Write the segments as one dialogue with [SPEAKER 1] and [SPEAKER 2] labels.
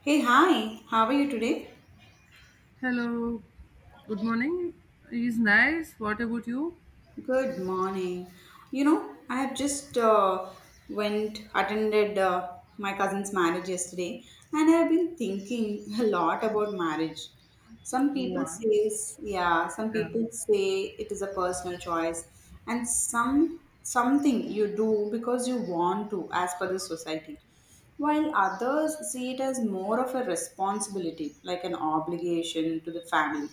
[SPEAKER 1] Hey, hi, how are you today?
[SPEAKER 2] Hello, good morning. It's nice. What about you?
[SPEAKER 1] Good morning. I have just went attended my cousin's marriage yesterday, and I have been thinking a lot about marriage. Some people
[SPEAKER 2] Wow.
[SPEAKER 1] says, yeah, some
[SPEAKER 2] Yeah,
[SPEAKER 1] people say it is a personal choice, and some something you do because you want to, as per the society, while others see it as more of a responsibility, like an obligation to the family.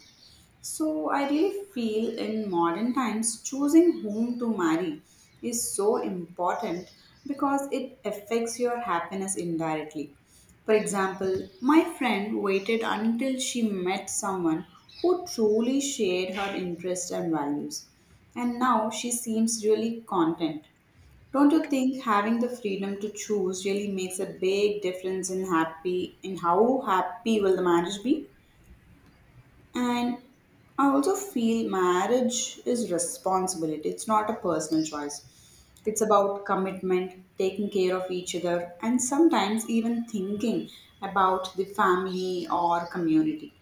[SPEAKER 1] So I really feel in modern times choosing whom to marry is so important because it affects your happiness indirectly. For example, my friend waited until she met someone who truly shared her interests and values. And now she seems really content. Don't you think having the freedom to choose really makes a big difference in happy in how happy will the marriage be? And I also feel marriage is responsibility. It's not a personal choice. It's about commitment, taking care of each other, and sometimes even thinking about the family or community.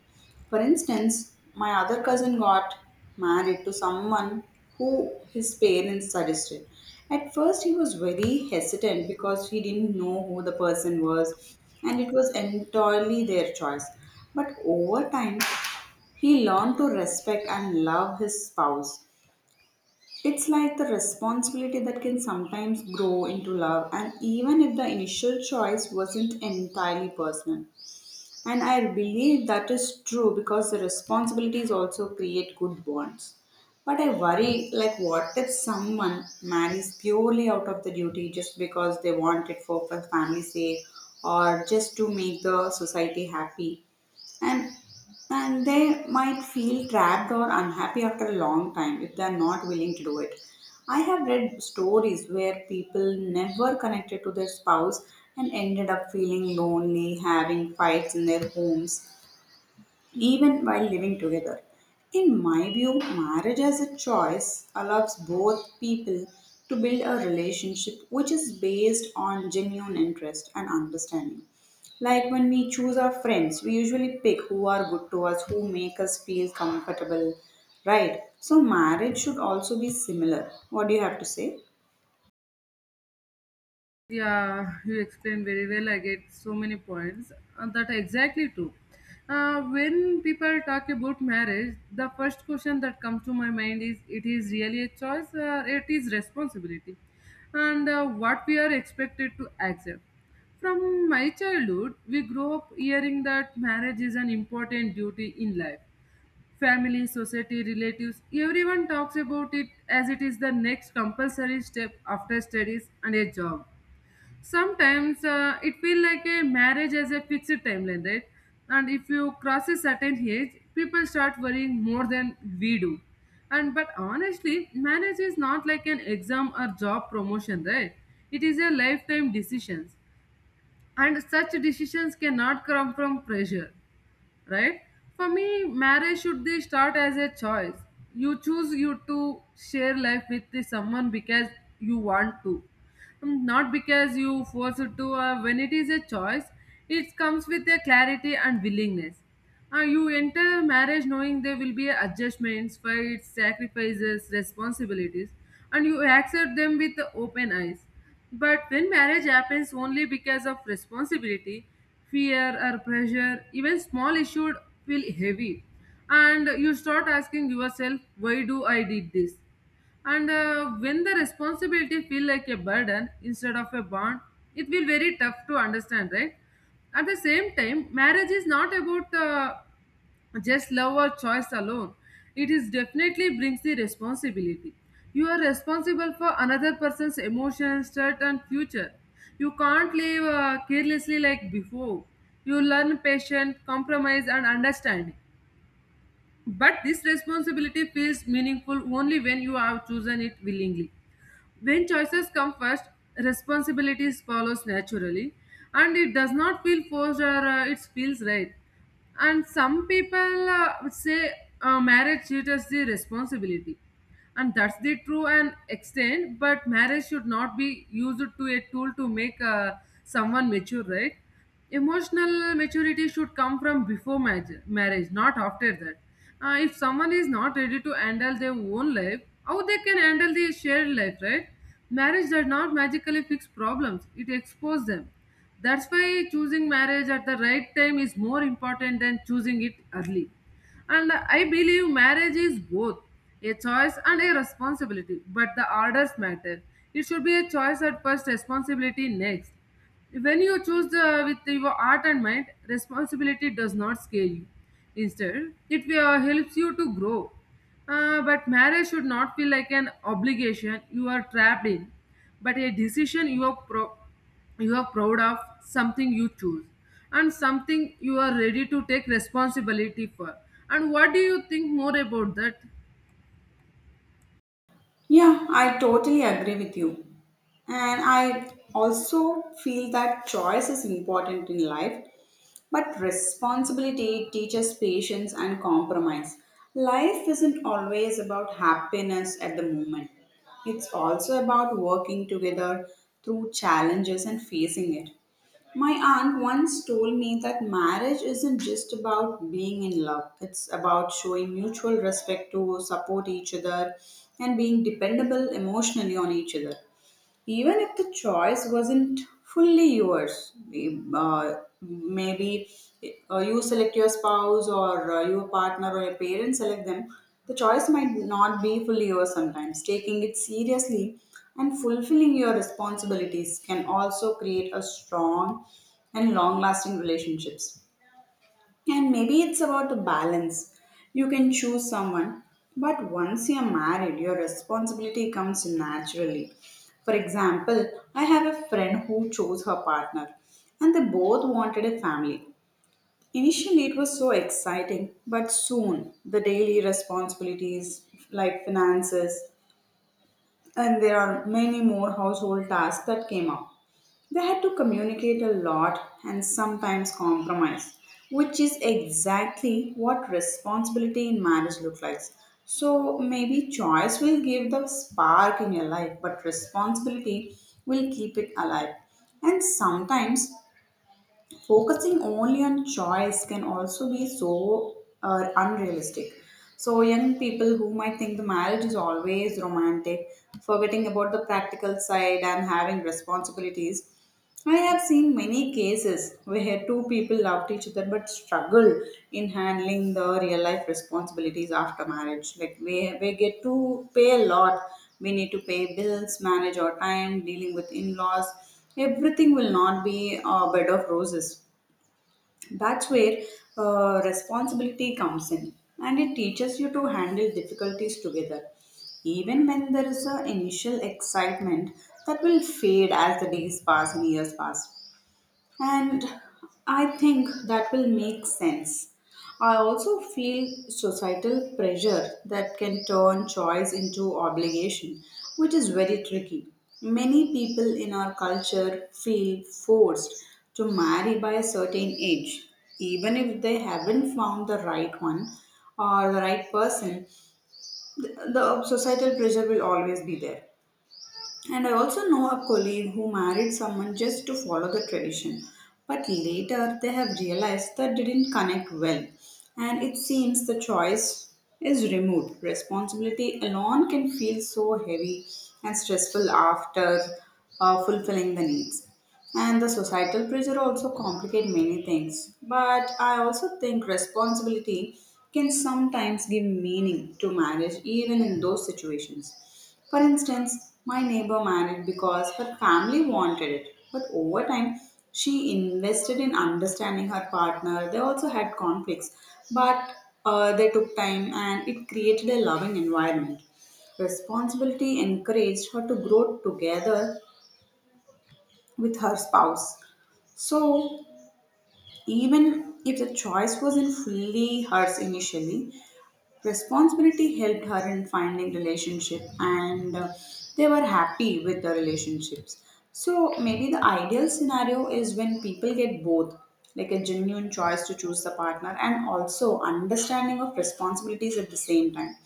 [SPEAKER 1] For instance, my other cousin got married to someone who his parents suggested. At first, he was very hesitant because he didn't know who the person was and it was entirely their choice. But over time, he learned to respect and love his spouse. It's like the responsibility that can sometimes grow into love, and even if the initial choice wasn't entirely personal. And I believe that is true because the responsibilities also create good bonds. But I worry, like, what if someone marries purely out of the duty just because they want it for family's sake or just to make the society happy? and and they might feel trapped or unhappy after a long time if they are not willing to do it. I have read stories where people never connected to their spouse and ended up feeling lonely, having fights in their homes even while living together. In my view, marriage as a choice allows both people to build a relationship which is based on genuine interest and understanding. Like when we choose our friends, we usually pick who are good to us, who make us feel comfortable, right? So, marriage should also be similar. What do you have to say?
[SPEAKER 2] yeah. You explained very well. I get so many points that are exactly true. When people talk about marriage, the first question that comes to my mind is: It is really a choice, or it is responsibility, and what we are expected to accept. From my childhood, we grow up hearing that marriage is an important duty in life. Family, society, relatives, everyone talks about it as it is the next compulsory step after studies and a job. Sometimes it feels like a marriage as a fixed timeline, right? And if you cross a certain age, people start worrying more than we do. And but honestly, marriage is not like an exam or job promotion, right? It is a lifetime decisions, and such decisions cannot come from pressure, right. For me marriage should be start as a choice, you choose you to share life with the someone because you want to. Not because you force it to. When it is a choice, it comes with a clarity and willingness. You enter marriage knowing there will be adjustments, fights, sacrifices, responsibilities, and you accept them with open eyes. But when marriage happens only because of responsibility, fear, or pressure, even small issues feel heavy. And you start asking yourself, why do I did this? And when the responsibility feel like a burden instead of a bond, it will very tough to understand, right? At the same time, marriage is not about just love or choice alone. It is definitely brings the responsibility. You are responsible for another person's emotions, thought, and future. You can't live carelessly like before. You learn patience, compromise, and understanding. But this responsibility feels meaningful only when you have chosen it willingly. When choices come first, responsibilities follows naturally, and it does not feel forced or it feels right. And some people would say marriage teaches the responsibility, and that's the true and extent. But marriage should not be used to a tool to make someone mature, right? Emotional maturity should come from before marriage, marriage not after that. If someone is not ready to handle their own life, how they can handle the shared life, right? Marriage does not magically fix problems, it exposes them. That's why choosing marriage at the right time is more important than choosing it early. And I believe marriage is both a choice and a responsibility, but the orders matter. It should be a choice at first, responsibility next. When you choose the, with your art and mind, responsibility does not scare you. Instead, it helps you to grow. But marriage should not feel like an obligation you are trapped in, but a decision you are, you are proud of, something you choose, and something you are ready to take responsibility for. And what do you think more about that?
[SPEAKER 1] Yeah, I totally agree with you. And I also feel that choice is important in life, but responsibility teaches patience and compromise. Life isn't always about happiness at the moment, it's also about working together through challenges and facing it. My aunt once told me that marriage isn't just about being in love, it's about showing mutual respect to support each other and being dependable emotionally on each other even if the choice wasn't fully yours. uh, Maybe you select your spouse or your partner or your parents select them, the choice might not be fully yours. Sometimes taking it seriously and fulfilling your responsibilities can also create a strong and long lasting relationships, and maybe it's about a balance. You can choose someone, but once you're married, your responsibility comes naturally. For example, I have a friend who chose her partner, and they both wanted a family. Initially, it was so exciting, but soon the daily responsibilities like finances, and there are many more household tasks that came up. They had to communicate a lot and sometimes compromise, which is exactly what responsibility in marriage looks like. So maybe choice will give the spark in your life, but responsibility will keep it alive. And sometimes focusing only on choice can also be so unrealistic. So young people who might think the marriage is always romantic, forgetting about the practical side and having responsibilities. I have seen many cases where two people loved each other but struggle in handling the real life responsibilities after marriage. Like we get to pay a lot. We need to pay bills, manage our time, dealing with in laws. Everything will not be a bed of roses. That's where responsibility comes in and it teaches you to handle difficulties together even when there is an initial excitement that will fade as the days pass and years pass, and I think that will make sense. I also feel societal pressure that can turn choice into obligation, which is very tricky. Many people in our culture feel forced to marry by a certain age, even if they haven't found the right one or the right person. The societal pressure will always be there. And I also know a colleague who married someone just to follow the tradition, but later they have realized that didn't connect well. And it seems the choice is removed. Responsibility alone can feel so heavy and stressful after fulfilling the needs. And the societal pressure also complicate many things. But I also think responsibility can sometimes give meaning to marriage even in those situations. For instance, my neighbor married because her family wanted it, but over time she invested in understanding her partner. They also had conflicts, but they took time and it created a loving environment. Responsibility encouraged her to grow together with her spouse. So, even if the choice wasn't fully hers initially, responsibility helped her in finding relationship and they were happy with the relationships. So, maybe the ideal scenario is when people get both, like a genuine choice to choose the partner and also understanding of responsibilities at the same time.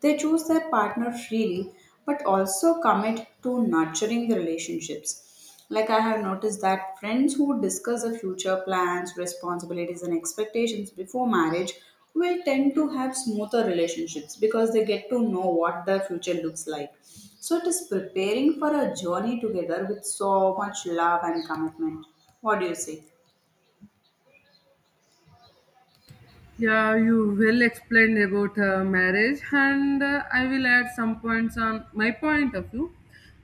[SPEAKER 1] They choose their partner freely but also commit to nurturing the relationships. Like I have noticed that friends who discuss the future plans, responsibilities, and expectations before marriage will tend to have smoother relationships because they get to know what their future looks like. So it is preparing for a journey together with so much love and commitment. What do you say?
[SPEAKER 2] Yeah, you will explain about marriage, and I will add some points on my point of view.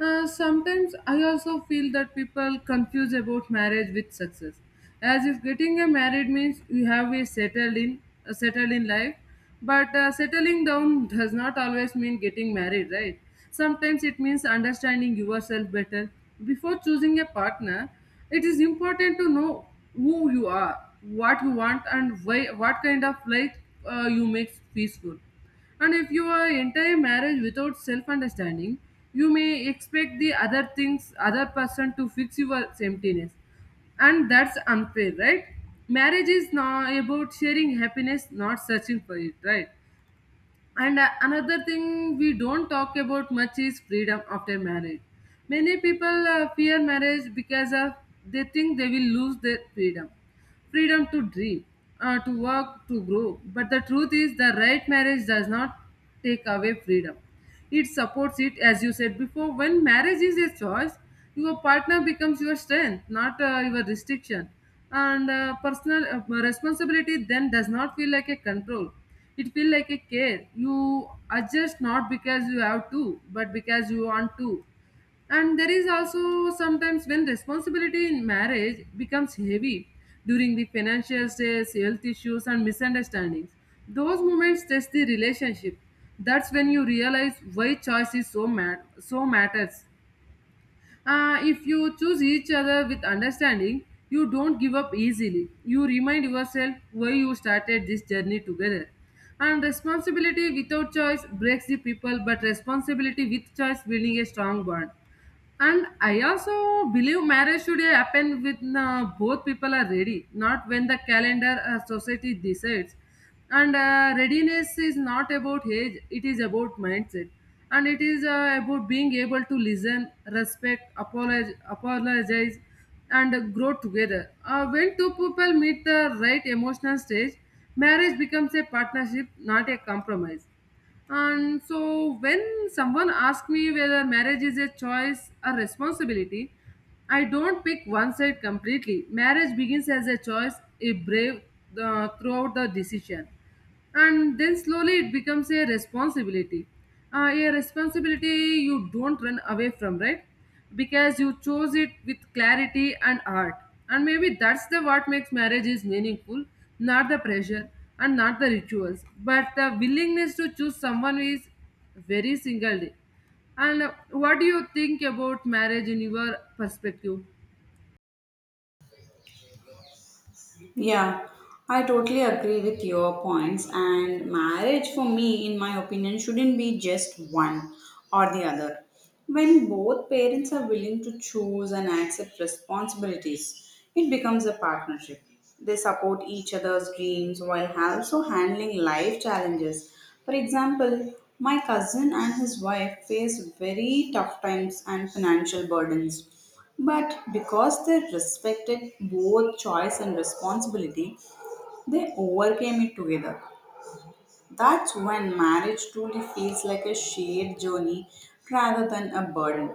[SPEAKER 2] Sometimes I also feel that people confuse about marriage with success, as if getting a married means you have a settled in life, but settling down does not always mean getting married, right? Sometimes it means understanding yourself better. Before choosing a partner, it is important to know who you are, what you want, and why, what kind of life you make peaceful. And if you are entire marriage without self understanding, you may expect other person to fix your emptiness, and that's unfair, right. Marriage is now about sharing happiness, not searching for it, right. And another thing we don't talk about much is freedom after marriage. Many people fear marriage because of they think they will lose their freedom, freedom to dream, to work, to grow. But the truth is, the right marriage does not take away freedom. It supports it, as you said before. When marriage is a choice, your partner becomes your strength, not your restriction. And personal responsibility then does not feel like a control. It feels like a care. You adjust not because you have to, but because you want to. And there is also sometimes when responsibility in marriage becomes heavy during the financial stress, health issues, and misunderstandings. Those moments test the relationship. That's when you realize why choice is so matters. If you choose each other with understanding, you don't give up easily. You remind yourself why you started this journey together. And responsibility without choice breaks the people, but responsibility with choice building a strong bond. And I also believe marriage should happen when both people are ready, not when the calendar or society decides. And readiness is not about age, it is about mindset. And it is about being able to listen, respect, apologize, apologize, and grow together. When two people meet the right emotional stage, marriage becomes a partnership, not a compromise. And so, when someone asks me whether marriage is a choice or responsibility, I don't pick one side completely. Marriage begins as a choice, a brave throughout the decision, and then slowly it becomes a responsibility. A responsibility you don't run away from, right? Because you chose it with clarity and art, and maybe that's the what makes marriage is meaningful, not the pressure and not the rituals, but the willingness to choose someone who is very single day. And what do you think about marriage in your perspective?
[SPEAKER 1] Yeah, I totally agree with your points. And marriage, for me, in my opinion, shouldn't be just one or the other. When both parents are willing to choose and accept responsibilities, it becomes a partnership. They support each other's dreams while also handling life challenges. For example, my cousin and his wife faced very tough times and financial burdens, but because they respected both choice and responsibility, they overcame it together. That's when marriage truly feels like a shared journey rather than a burden.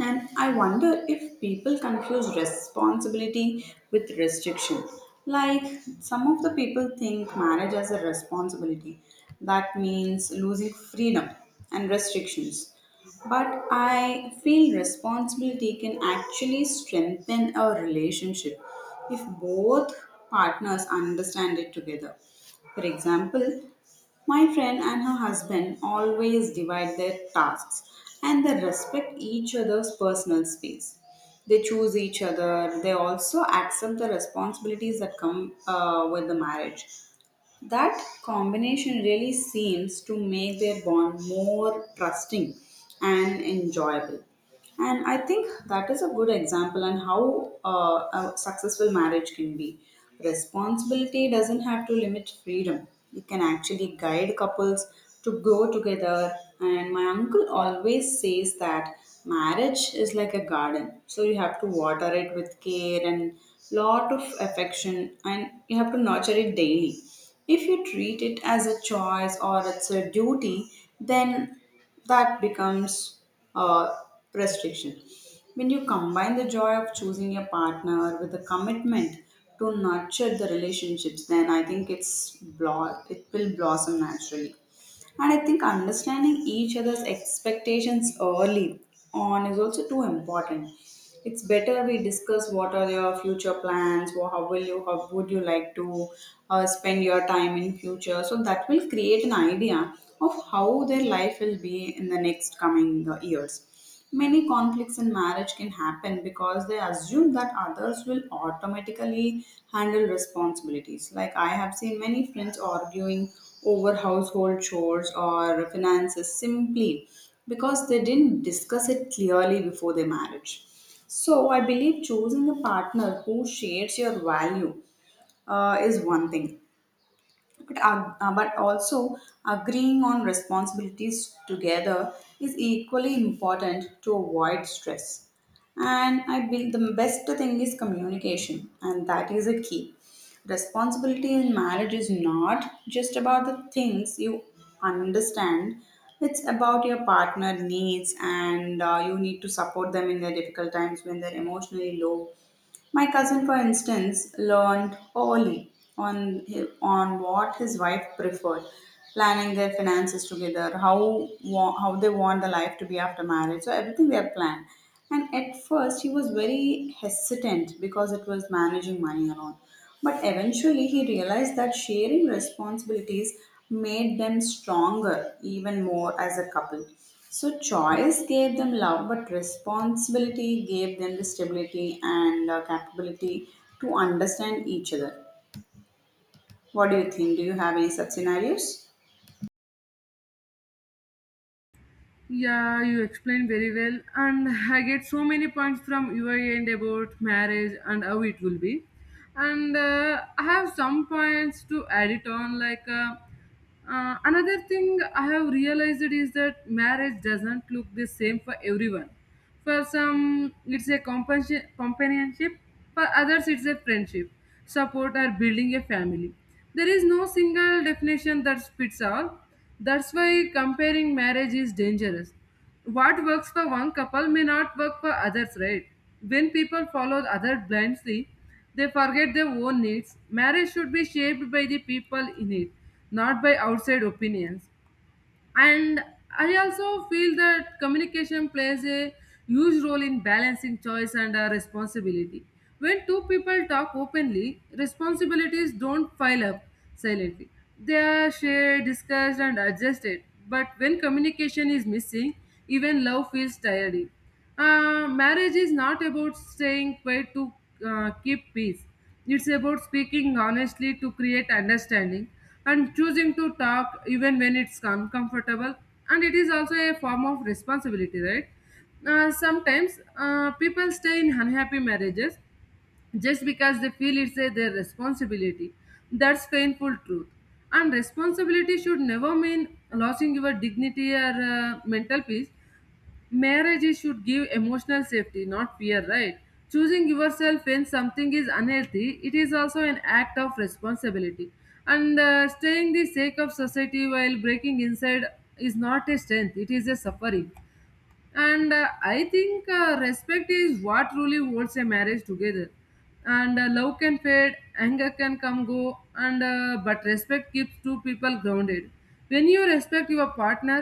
[SPEAKER 1] And I wonder if people confuse responsibility with restriction. Like some of the people think marriage as a responsibility. That means losing freedom and restrictions. But I feel responsibility can actually strengthen a relationship if both partners understand it together. For example, my friend and her husband always divide their tasks and they respect each other's personal space. They choose each other, they also accept the responsibilities that come with the marriage. That combination really seems to make their bond more trusting and enjoyable. And I think that is a good example on how a successful marriage can be. Responsibility doesn't have to limit freedom, it can actually guide couples to grow together. And my uncle always says that marriage is like a garden, so you have to water it with care and lot of affection, and you have to nurture it daily. If you treat it as a choice or it's a duty, then that becomes a restriction. When you combine the joy of choosing a partner with a commitment to nurture the relationships, then I think it's it will blossom naturally. And I think understanding each other's expectations early on is also too important. It's better we discuss what are your future plans, or how would you like to spend your time in future. So that will create an idea of how their life will be in the next coming years. Many conflicts in marriage can happen because they assume that others will automatically handle responsibilities. Like, I have seen many friends arguing over household chores or finances simply because they didn't discuss it clearly before their marriage. So, I believe choosing a partner who shares your value is one thing. But also agreeing on responsibilities together is equally important to avoid stress. And I believe the best thing is communication, and that is a key. Responsibility in marriage is not just about the things you understand, it's about your partner needs, and you need to support them in their difficult times when they're emotionally low. My cousin, for instance, learned early on on what his wife preferred, planning their finances together, how they want the life to be after marriage. So everything they have planned. And at first, he was very hesitant because it was managing money and all. But eventually, he realized that sharing responsibilities made them stronger, even more as a couple. So, choice gave them love, but responsibility gave them the stability and capability to understand each other. What do you think? Do you have any such scenarios?
[SPEAKER 2] Yeah, you explained very well and I get so many points from your end about marriage and how it will be, and I have some points to add it on, like another thing I have realized is that marriage doesn't look the same for everyone. For some, it's a companionship. For others, it's a friendship, support, or building a family. There is no single definition that fits all. That's why comparing marriage is dangerous, what works for one couple may not work for others, right? When people follow others blindly, they forget their own needs. Marriage should be shaped by the people in it, not by outside opinions. And I also feel that communication plays a huge role in balancing choice and responsibility. When two people talk openly, responsibilities don't pile up silently, they are shared, discussed, and adjusted. But when communication is missing, even love feels tiring. Marriage is not about staying quiet to keep peace. It's about speaking honestly to create understanding and choosing to talk even when it's uncomfortable. And it is also a form of responsibility, right? Sometimes people stay in unhappy marriages just because they feel it's a, their responsibility. That's painful truth. And responsibility should never mean losing your dignity or mental peace. Marriage should give emotional safety, not fear, right. Choosing yourself when something is unhealthy, it is also an act of responsibility. And staying the sake of society while breaking inside is not a strength, it is a suffering. And I think respect is what really holds a marriage together. And love can fade, anger can come go, and but respect keeps two people grounded. When you respect your partner,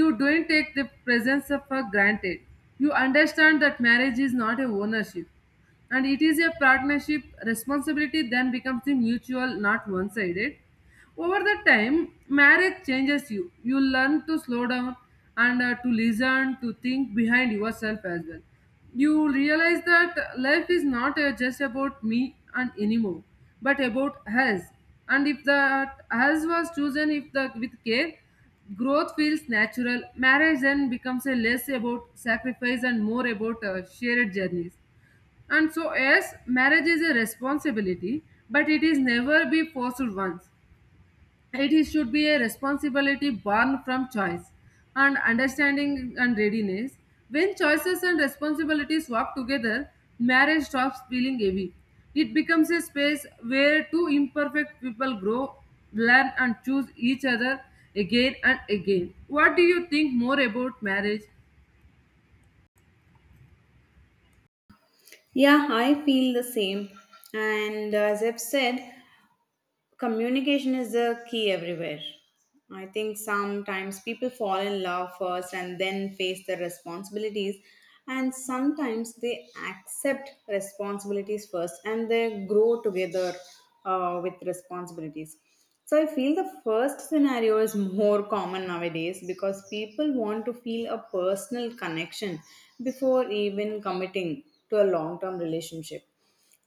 [SPEAKER 2] you don't take the presence of for granted. You understand that marriage is not a ownership, and it is a partnership. Responsibility then becomes the mutual, not one sided. Over the time, marriage changes you, you learn to slow down and to listen, to think behind yourself as well. You realize that life is not just about me and anymore, but about us. And if that us was chosen, if the with care, growth feels natural. Marriage then becomes a less about sacrifice and more about shared journeys. And so yes, marriage is a responsibility, but it is never be forced once. It is, should be a responsibility born from choice and understanding and readiness. When choices and responsibilities walk together, marriage stops feeling heavy. It becomes a space where two imperfect people grow, learn, and choose each other again and again. What do you think more about marriage?
[SPEAKER 1] Yeah, I feel the same. And as I've said, communication is the key everywhere. I think sometimes people fall in love first and then face the responsibilities, and sometimes they accept responsibilities first and they grow together with responsibilities. So I feel the first scenario is more common nowadays because people want to feel a personal connection before even committing to a long term relationship.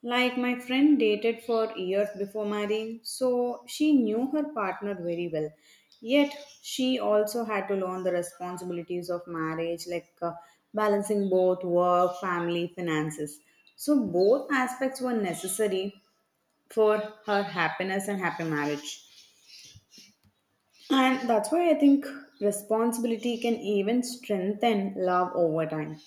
[SPEAKER 1] Like my friend dated for years before marrying, so she knew her partner very well. Yet she also had to learn the responsibilities of marriage, like balancing both work, family, finances. So both aspects were necessary for her happiness and happy marriage. And that's why I think responsibility can even strengthen love over time.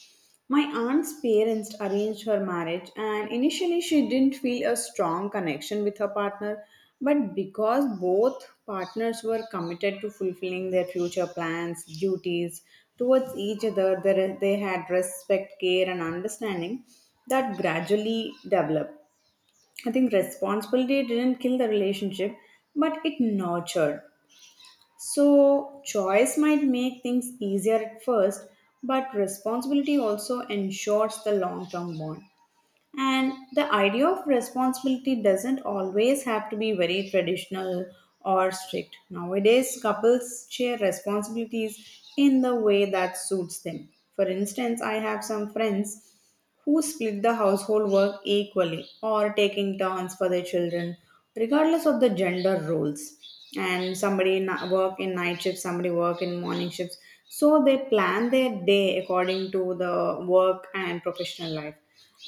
[SPEAKER 1] My aunt's parents arranged her marriage, and initially she didn't feel a strong connection with her partner. But because both partners were committed to fulfilling their future plans, duties towards each other, they had respect, care, and understanding that gradually developed. I think responsibility didn't kill the relationship, but it nurtured. So, choice might make things easier at first, but responsibility also ensures the long term bond. And the idea of responsibility doesn't always have to be very traditional or strict. Nowadays, couples share responsibilities in the way that suits them. For instance, I have some friends who split the household work equally or taking turns for their children, regardless of the gender roles. And work in night shifts, somebody work in morning shifts. So they plan their day according to the work and professional life.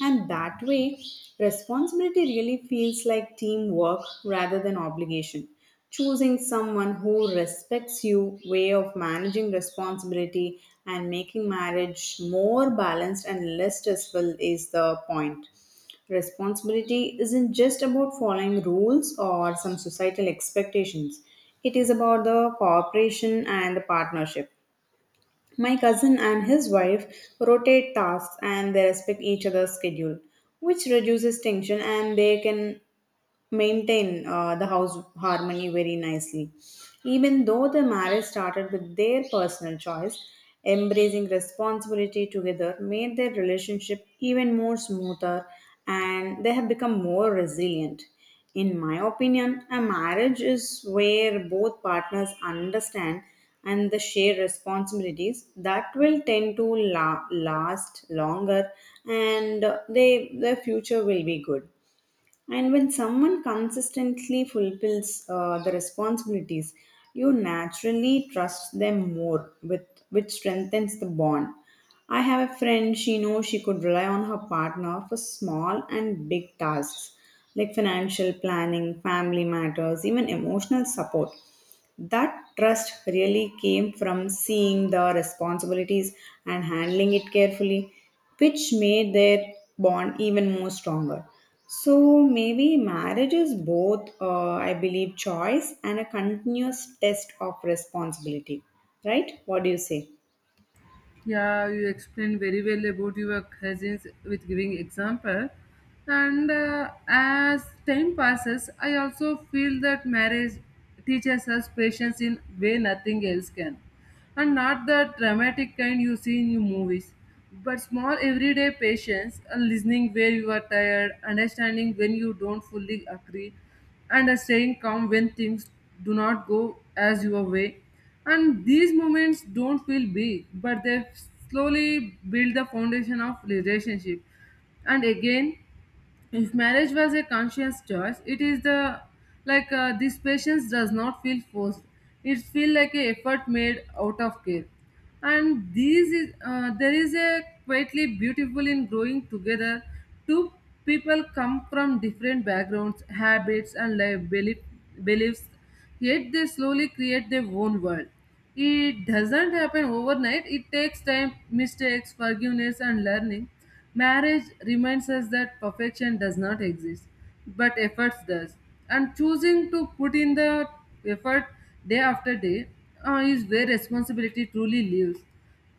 [SPEAKER 1] And that way, responsibility really feels like teamwork rather than obligation. Choosing someone who respects you, way of managing responsibility, and making marriage more balanced and less stressful is the point. Responsibility isn't just about following rules or some societal expectations, it is about the cooperation and the partnership. My cousin and his wife rotate tasks and they respect each other's schedule, which reduces tension and they can maintain the house harmony very nicely. Even though the marriage started with their personal choice, embracing responsibility together made their relationship even more smoother and they have become more resilient. In my opinion, a marriage is where both partners understand and the share responsibilities that will tend to last longer and they their future will be good. And when someone consistently fulfills the responsibilities, you naturally trust them more, with which strengthens the bond. I have a friend, she knows she could rely on her partner for small and big tasks like financial planning, family matters, even emotional support. That trust really came from seeing the responsibilities and handling it carefully, which made their bond even more stronger. So maybe marriage is both, I believe, choice and a continuous test of responsibility, right? What do you say?
[SPEAKER 2] Yeah, you explained very well about your cousins with giving example. And as time passes, I also feel that marriage teaches us patience in way nothing else can. And not the dramatic kind you see in your movies, but small everyday patience and listening where you are tired, understanding when you don't fully agree, and staying calm when things do not go as your way. And these moments don't feel big, but they slowly build the foundation of relationship. And again, if marriage was a conscious choice, it is the like this patience does not feel forced. It feel like a effort made out of care. And these is there is a quietly beautiful in growing together. Two people come from different backgrounds, habits, and beliefs. Yet they slowly create their own world. It doesn't happen overnight, it takes time, mistakes, forgiveness, and learning. Marriage reminds us that perfection does not exist, but efforts does. And choosing to put in the effort day after day is where responsibility truly lives.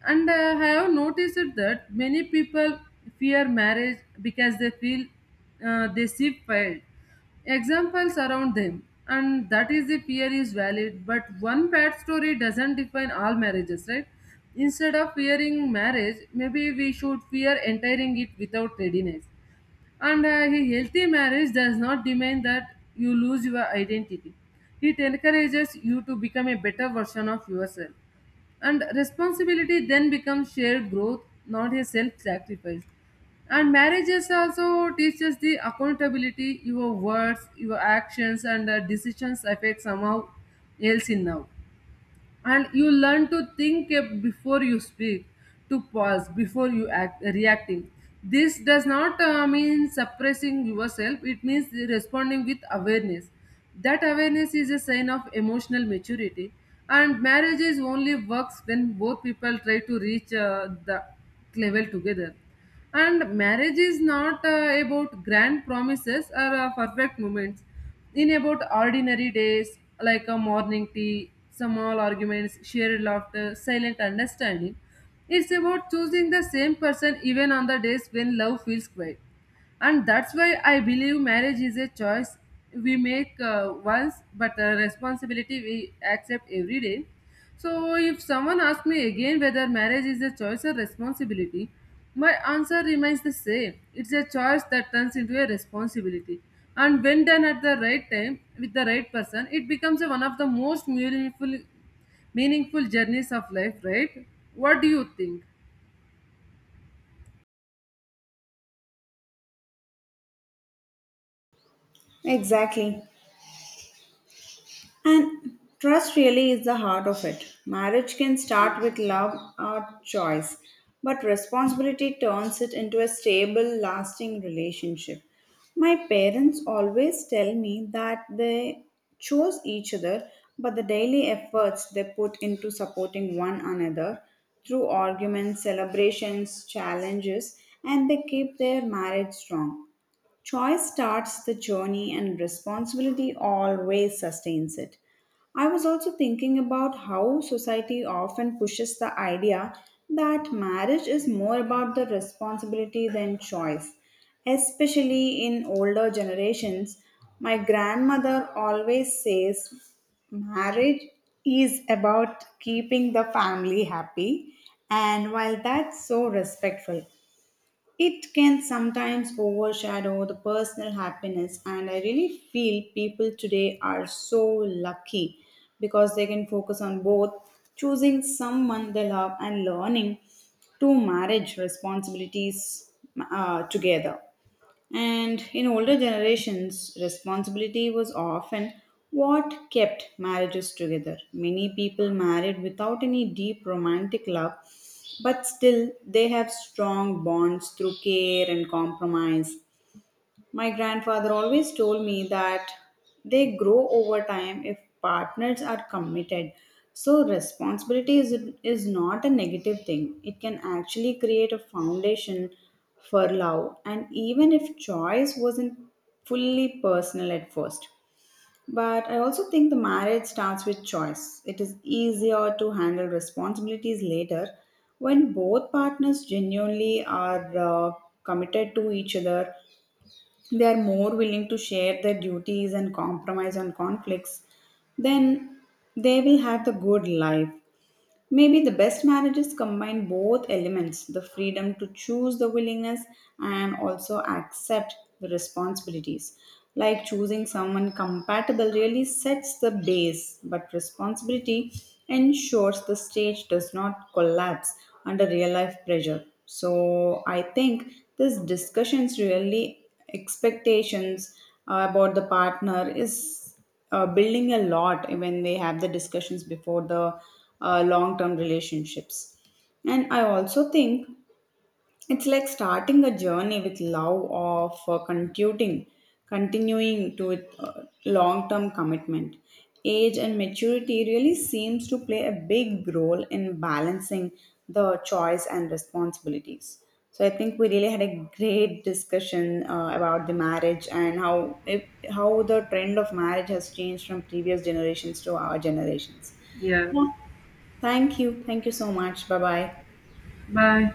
[SPEAKER 2] And I have noticed it that many people fear marriage because they feel they see failed examples around them, and that is the fear is valid. But one bad story doesn't define all marriages, right. Instead of fearing marriage, maybe we should fear entering it without readiness. And a healthy marriage does not demand that you lose your identity, it encourages you to become a better version of yourself. And responsibility then becomes shared growth, not a self-sacrifice. And marriages also teaches the accountability, your words, your actions, and decisions affect somehow else in now. And you learn to think before you speak, to pause before you act reacting. This does not mean suppressing yourself, it means responding with awareness. That awareness is a sign of emotional maturity. And marriages only works when both people try to reach the level together. And marriage is not about grand promises or perfect moments. In about ordinary days like a morning tea, small arguments, shared laughter, silent understanding. It's about choosing the same person even on the days when love feels quiet. And that's why I believe marriage is a choice we make once, but a responsibility we accept every day. So if someone asks me again whether marriage is a choice or responsibility, my answer remains the same, it's a choice that turns into a responsibility. And when done at the right time with the right person, it becomes a, one of the most meaningful journeys of life, right. What do you think?
[SPEAKER 1] Exactly. And trust really is the heart of it. Marriage can start with love or choice, but responsibility turns it into a stable, lasting relationship. My parents always tell me that they chose each other, but the daily efforts they put into supporting one another through arguments, celebrations, challenges, and they keep their marriage strong. Choice starts the journey and responsibility always sustains it. I was also thinking about how society often pushes the idea that marriage is more about the responsibility than choice. Especially in older generations, my grandmother always says marriage is about keeping the family happy, and while that's so respectful, it can sometimes overshadow the personal happiness, and I really feel people today are so lucky because they can focus on both choosing someone they love and learning to manage responsibilities together. And in older generations, responsibility was often what kept marriages together. Many people married without any deep romantic love, but still they have strong bonds through care and compromise. My grandfather always told me that they grow over time if partners are committed. So, is not a negative thing, it can actually create a foundation for love, and even if choice wasn't fully personal at first. But I also think the marriage starts with choice. It is easier to handle responsibilities later when both partners genuinely are committed to each other, they are more willing to share their duties and compromise on conflicts, then they will have the good life. Maybe the best marriages combine both elements the freedom to choose the willingness and also accept the responsibilities. Like choosing someone compatible really sets the base, but responsibility ensures the stage does not collapse under real life pressure. So I think this discussions really expectations about the partner is building a lot when they have the discussions before the long term relationships. And I also think it's like starting a journey with love of continuing to it, long-term commitment. Age and maturity really seems to play a big role in balancing the choice and responsibilities. So I think we really had a great discussion about the marriage and how if, how the trend of marriage has changed from previous generations to our generations.
[SPEAKER 2] Yes.
[SPEAKER 1] Yeah. Thank you. Thank you so much. Bye bye.
[SPEAKER 2] Bye.